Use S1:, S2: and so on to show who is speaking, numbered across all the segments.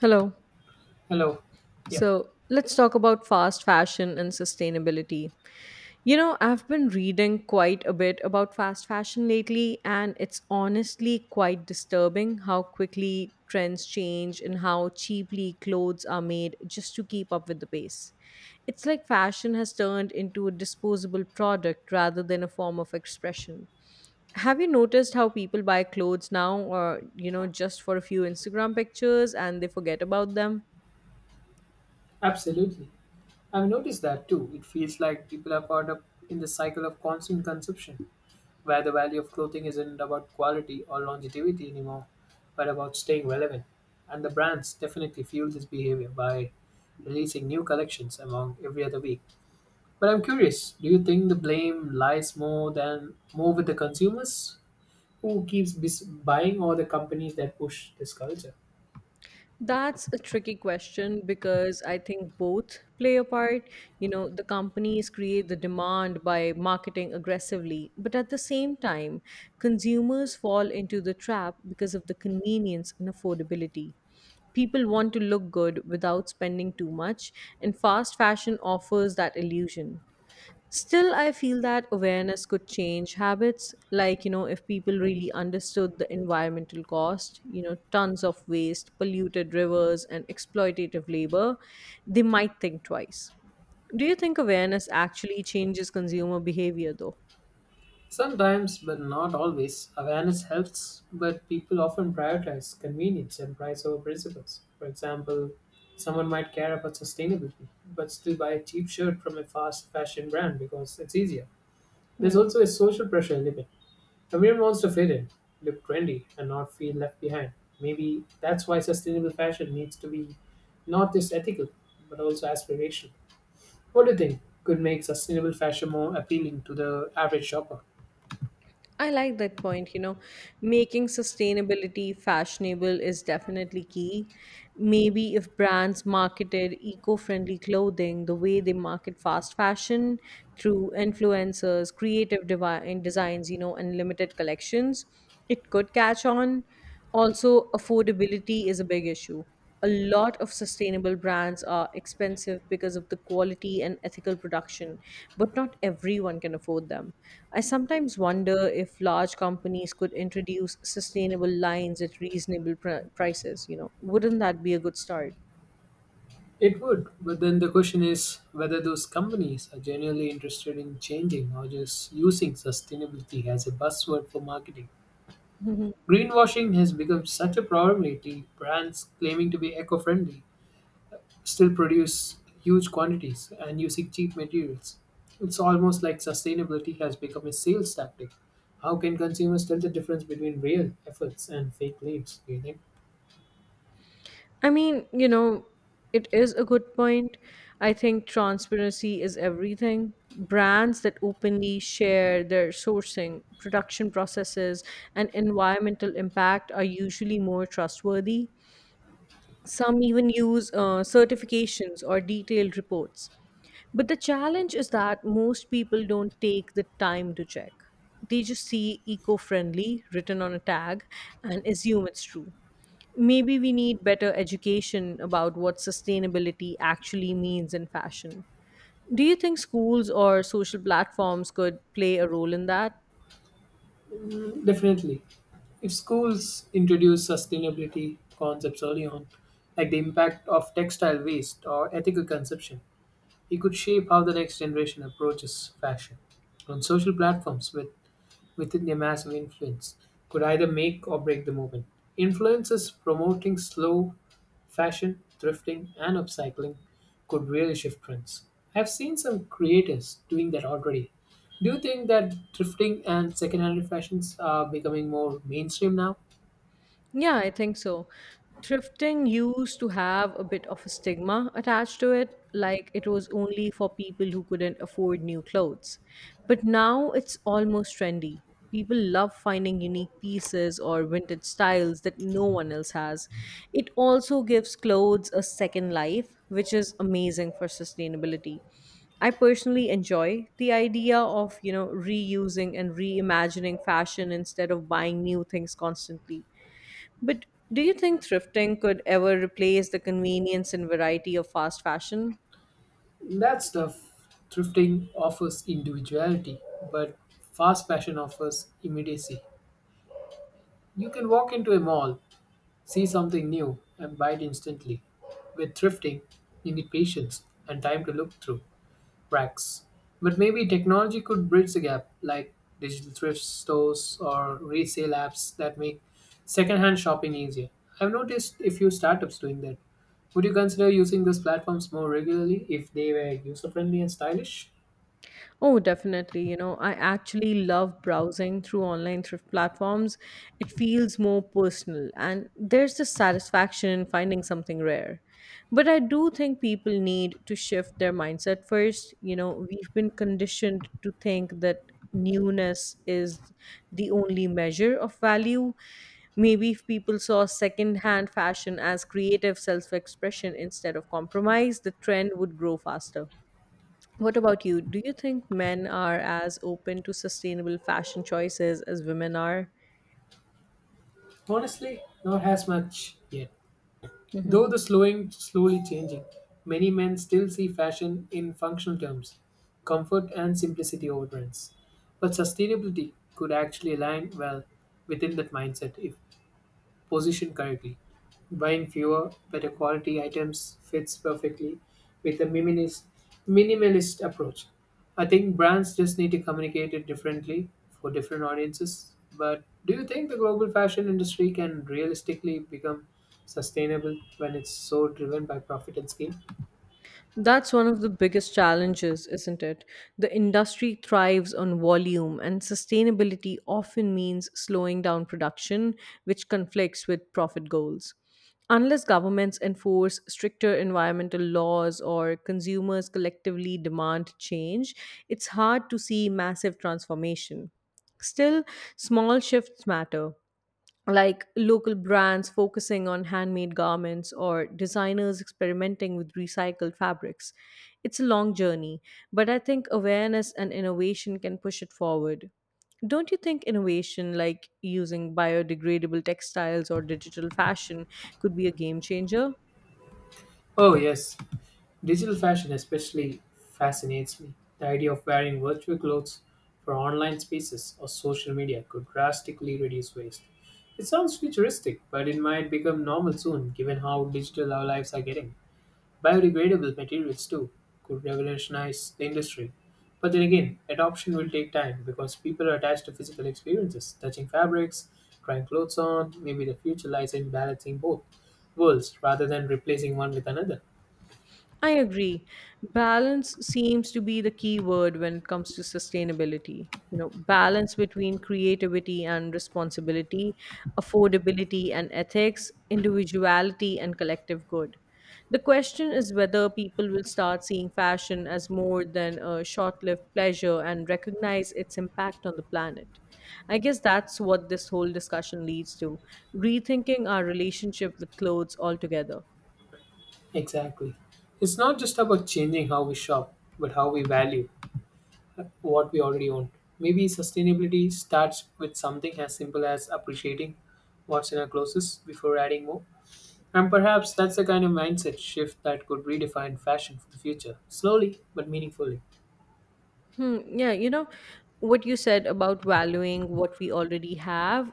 S1: Hello.
S2: Hello. Yeah,
S1: So let's talk about fast fashion and sustainability. I've been reading quite a bit about fast fashion lately, and it's honestly quite disturbing how quickly trends change and how cheaply clothes are made just to keep up with the pace. It's like fashion has turned into a disposable product rather than a form of expression. Have you noticed how people buy clothes now or just for a few Instagram pictures and they forget about them?
S2: absolutely. I've noticed that too. It feels like people are caught up in the cycle of constant consumption, where the value of clothing isn't about quality or longevity anymore, but about staying relevant. And the brands definitely fuel this behavior by releasing new collections among every other week. But I'm curious, do you think the blame lies more than more with the consumers who keeps buying, or the companies that push this culture?
S1: That's a tricky question because I think both play a part. The companies create the demand by marketing aggressively, but at the same time, consumers fall into the trap because of the convenience and affordability. People want to look good without spending too much, and fast fashion offers that illusion. Still, I feel that awareness could change habits. Like, if people really understood the environmental cost, tons of waste, polluted rivers, and exploitative labor, they might think twice. Do you think awareness actually changes consumer behavior, though?
S2: Sometimes, but not always, awareness helps, but people often prioritize convenience and price over principles. For example, someone might care about sustainability, but still buy a cheap shirt from a fast fashion brand because it's easier. There's
S1: Hmm.
S2: also a social pressure element. Everyone wants to fit in, look trendy, and not feel left behind. Maybe that's why sustainable fashion needs to be not just ethical, but also aspirational. What do you think could make sustainable fashion more appealing to the average shopper?
S1: I like that point. Making sustainability fashionable is definitely key. Maybe if brands marketed eco friendly clothing the way they market fast fashion through influencers, creative designs, and limited collections, it could catch on. Also, affordability is a big issue. A lot of sustainable brands are expensive because of the quality and ethical production, but not everyone can afford them. I sometimes wonder if large companies could introduce sustainable lines at reasonable prices Wouldn't that be a good start?
S2: It would, but then the question is whether those companies are genuinely interested in changing or just using sustainability as a buzzword for marketing. Greenwashing has become such a priority, brands claiming to be eco friendly still produce huge quantities and using cheap materials. It's almost like sustainability has become a sales tactic. How can consumers tell the difference between real efforts and fake claims, do you think?
S1: I mean, it is a good point. I think transparency is everything. Brands that openly share their sourcing, production processes, and environmental impact are usually more trustworthy. Some even use certifications or detailed reports. But the challenge is that most people don't take the time to check. They just see eco friendly written on a tag and assume it's true. Maybe we need better education about what sustainability actually means in fashion. Do you think schools or social platforms could play a role in that?
S2: Mm, definitely. If schools introduce sustainability concepts early on, like the impact of textile waste or ethical consumption, it could shape how the next generation approaches fashion. On social platforms with within their massive influence could either make or break the movement. Influences promoting slow fashion, thrifting, and upcycling could really shift trends. I've seen some creators doing that already. Do you think that thrifting and secondhand fashions are becoming more mainstream now?
S1: Yeah, I think so. Thrifting used to have a bit of a stigma attached to it, like it was only for people who couldn't afford new clothes. But now it's almost trendy. People love finding unique pieces or vintage styles that no one else has. It also gives clothes a second life, which is amazing for sustainability. I personally enjoy the idea of, reusing and reimagining fashion instead of buying new things constantly. But do you think thrifting could ever replace the convenience and variety of fast fashion?
S2: That stuff, thrifting offers individuality, but fast fashion offers immediacy. You can walk into a mall, see something new, and buy it instantly. With thrifting, you need patience and time to look through racks. But maybe technology could bridge the gap, like digital thrift stores or resale apps that make secondhand shopping easier. I've noticed a few startups doing that. Would you consider using these platforms more regularly if they were user friendly and stylish?
S1: Oh, definitely. I actually love browsing through online thrift platforms. It feels more personal, and there's the satisfaction in finding something rare. But I do think people need to shift their mindset first. We've been conditioned to think that newness is the only measure of value. Maybe if people saw secondhand fashion as creative self expression instead of compromise, the trend would grow faster. What about you? Do you think men are as open to sustainable fashion choices as women are?
S2: Honestly, not as much yet. Though
S1: Mhm.
S2: the slowing slowly changing. Many men still see fashion in functional terms, comfort and simplicity over trends. But sustainability could actually align well within that mindset if positioned correctly. Buying fewer, better quality items fits perfectly with a minimalist approach. I think brands just need to communicate it differently for different audiences. But do you think the global fashion industry can realistically become sustainable when it's so driven by profit and scale?
S1: That's one of the biggest challenges, isn't it? The industry thrives on volume, and sustainability often means slowing down production, which conflicts with profit goals. Unless governments enforce stricter environmental laws or consumers collectively demand change, it's hard to see massive transformation. Still, small shifts matter, like local brands focusing on handmade garments or designers experimenting with recycled fabrics. It's a long journey, but I think awareness and innovation can push it forward. Don't you think innovation like using biodegradable textiles or digital fashion could be a game changer?
S2: Oh, yes, digital fashion especially fascinates me. The idea of wearing virtual clothes for online spaces or social media could drastically reduce waste. It sounds futuristic, but it might become normal soon given how digital our lives are getting. Biodegradable materials, too, could revolutionize the industry. But then again, adoption will take time because people are attached to physical experiences, touching fabrics, trying clothes on. Maybe the future lies in balancing both worlds rather than replacing one with another.
S1: I agree. Balance seems to be the key word when it comes to sustainability. Balance between creativity and responsibility, affordability and ethics, individuality and collective good. The question is whether people will start seeing fashion as more than a short lived pleasure and recognize its impact on the planet. I guess that's what this whole discussion leads to, rethinking our relationship with clothes altogether.
S2: Exactly. It's not just about changing how we shop, but how we value what we already own. Maybe sustainability starts with something as simple as appreciating what's in our closets before adding more. And perhaps that's the kind of mindset shift that could redefine fashion for the future, slowly but meaningfully.
S1: Hmm, yeah, you know what you said about valuing what we already have,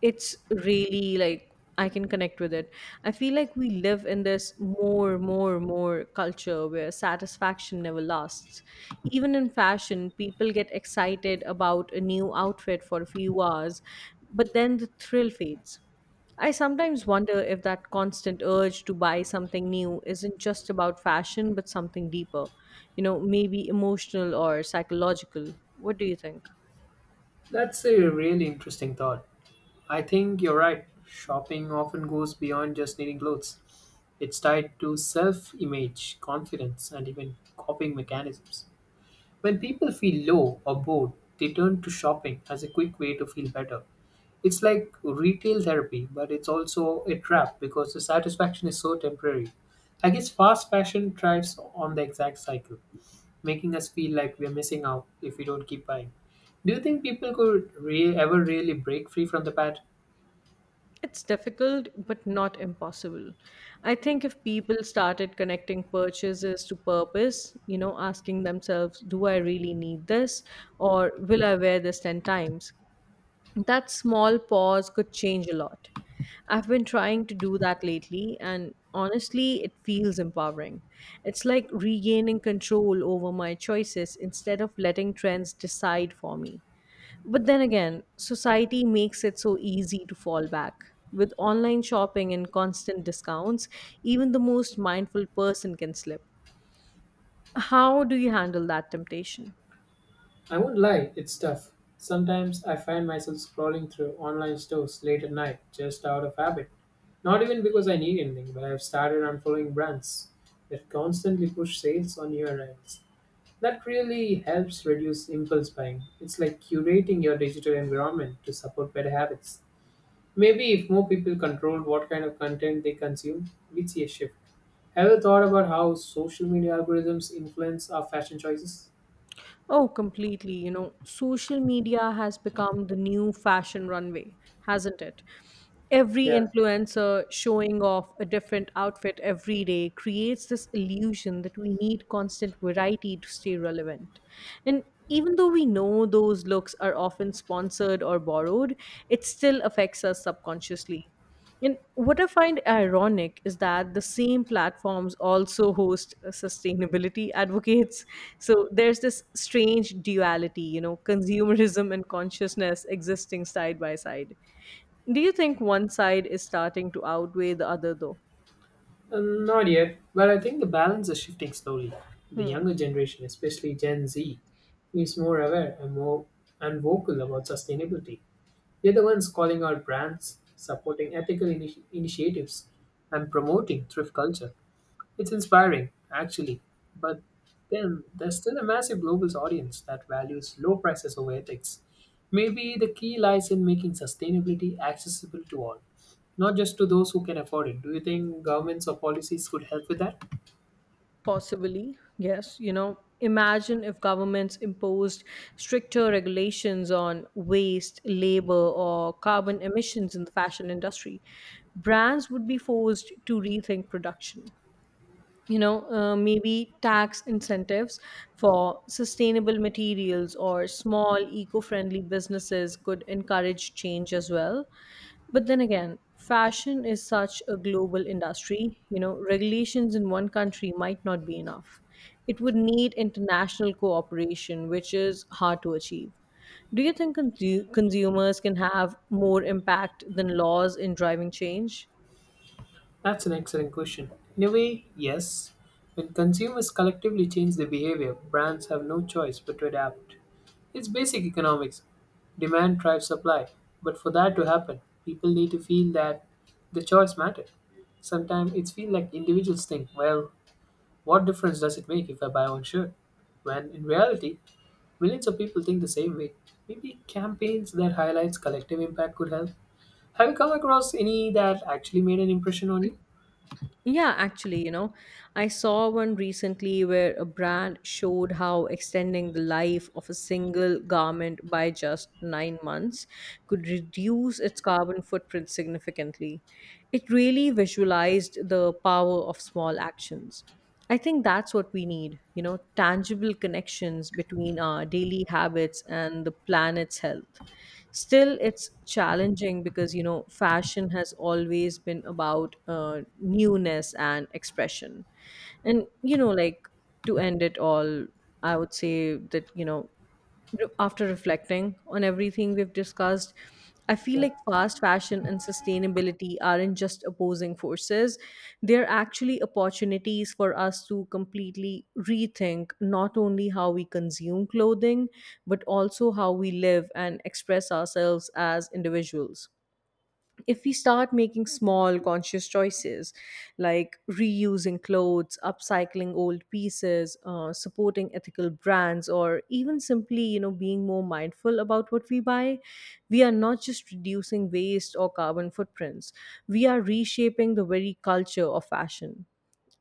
S1: it's really, like, I can connect with it. I feel like we live in this more, more, more culture where satisfaction never lasts. Even in fashion, people get excited about a new outfit for a few hours, but then the thrill fades. I sometimes wonder if that constant urge to buy something new isn't just about fashion, but something deeper, maybe emotional or psychological. What do you think?
S2: That's a really interesting thought. I think you're right. Shopping often goes beyond just needing clothes. It's tied to self image, confidence, and even coping mechanisms. When people feel low or bored, they turn to shopping as a quick way to feel better. It's like retail therapy, but it's also a trap because the satisfaction is so temporary. I guess fast fashion thrives on the exact cycle, making us feel like we're missing out if we don't keep buying. Do you think people could ever really break free from the pattern?
S1: It's difficult, but not impossible. I think if people started connecting purchases to purpose, asking themselves, do I really need this? Or will I wear this 10 times? That small pause could change a lot. I've been trying to do that lately, and honestly, it feels empowering. It's like regaining control over my choices instead of letting trends decide for me. But then again, society makes it so easy to fall back. With online shopping and constant discounts, even the most mindful person can slip. How do you handle that temptation?
S2: I won't lie, it's tough. Sometimes I find myself scrolling through online stores late at night just out of habit. Not even because I need anything, but I've started unfollowing brands that constantly push sales on your ads. That really helps reduce impulse buying. It's like curating your digital environment to support better habits. Maybe if more people controlled what kind of content they consume, we'd see a shift. Have you thought about how social media algorithms influence our fashion choices?
S1: Oh, completely. Social media has become the new fashion runway, hasn't it? Every
S2: Yeah,
S1: influencer showing off a different outfit every day creates this illusion that we need constant variety to stay relevant. And even though we know those looks are often sponsored or borrowed, it still affects us subconsciously. And what I find ironic is that the same platforms also host sustainability advocates. So there's this strange duality, consumerism and consciousness existing side by side. Do you think one side is starting to outweigh the other, though?
S2: Not yet, but I think the balance is shifting slowly. The
S1: Hmm.
S2: younger generation, especially Gen Z, is more aware and more and vocal about sustainability. They're the ones calling out brands, supporting ethical initiatives, and promoting thrift culture. It's inspiring, actually. But then there's still a massive global audience that values low prices over ethics. Maybe the key lies in making sustainability accessible to all, not just to those who can afford it. Do you think governments or policies could help with that?
S1: Possibly, yes. Imagine if governments imposed stricter regulations on waste, labor, or carbon emissions in the fashion industry. Brands would be forced to rethink production. Maybe tax incentives for sustainable materials or small eco friendly businesses could encourage change as well. But then again, fashion is such a global industry. Regulations in one country might not be enough. It would need international cooperation, which is hard to achieve. Do you think consumers can have more impact than laws in driving change?
S2: That's an excellent question. In a way, yes. When consumers collectively change their behavior, brands have no choice but to adapt. It's basic economics. Demand drives supply, but for that to happen, people need to feel that the choice matters. Sometimes it's feel like individuals think, well, what difference does it make if I buy one shirt? When in reality, millions of people think the same way. Maybe campaigns that highlights collective impact could help. Have you come across any that actually made an impression on you?
S1: Yeah, actually, I saw one recently where a brand showed how extending the life of a single garment by just 9 months could reduce its carbon footprint significantly. It really visualized the power of small actions. I think that's what we need, tangible connections between our daily habits and the planet's health. Still, it's challenging because, fashion has always been about newness and expression. And, like to end it all, I would say that, after reflecting on everything we've discussed, I feel
S2: Yeah,
S1: like fast fashion and sustainability aren't just opposing forces, they're actually opportunities for us to completely rethink not only how we consume clothing, but also how we live and express ourselves as individuals. If we start making small conscious choices like reusing clothes, upcycling old pieces, supporting ethical brands, or even simply being more mindful about what we buy, we are not just reducing waste or carbon footprints, we are reshaping the very culture of fashion.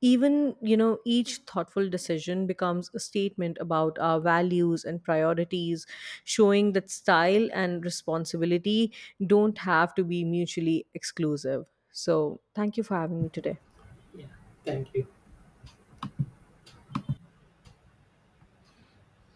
S1: Even, each thoughtful decision becomes a statement about our values and priorities, showing that style and responsibility don't have to be mutually exclusive. So thank you for having me today.
S2: yeah. Thank you.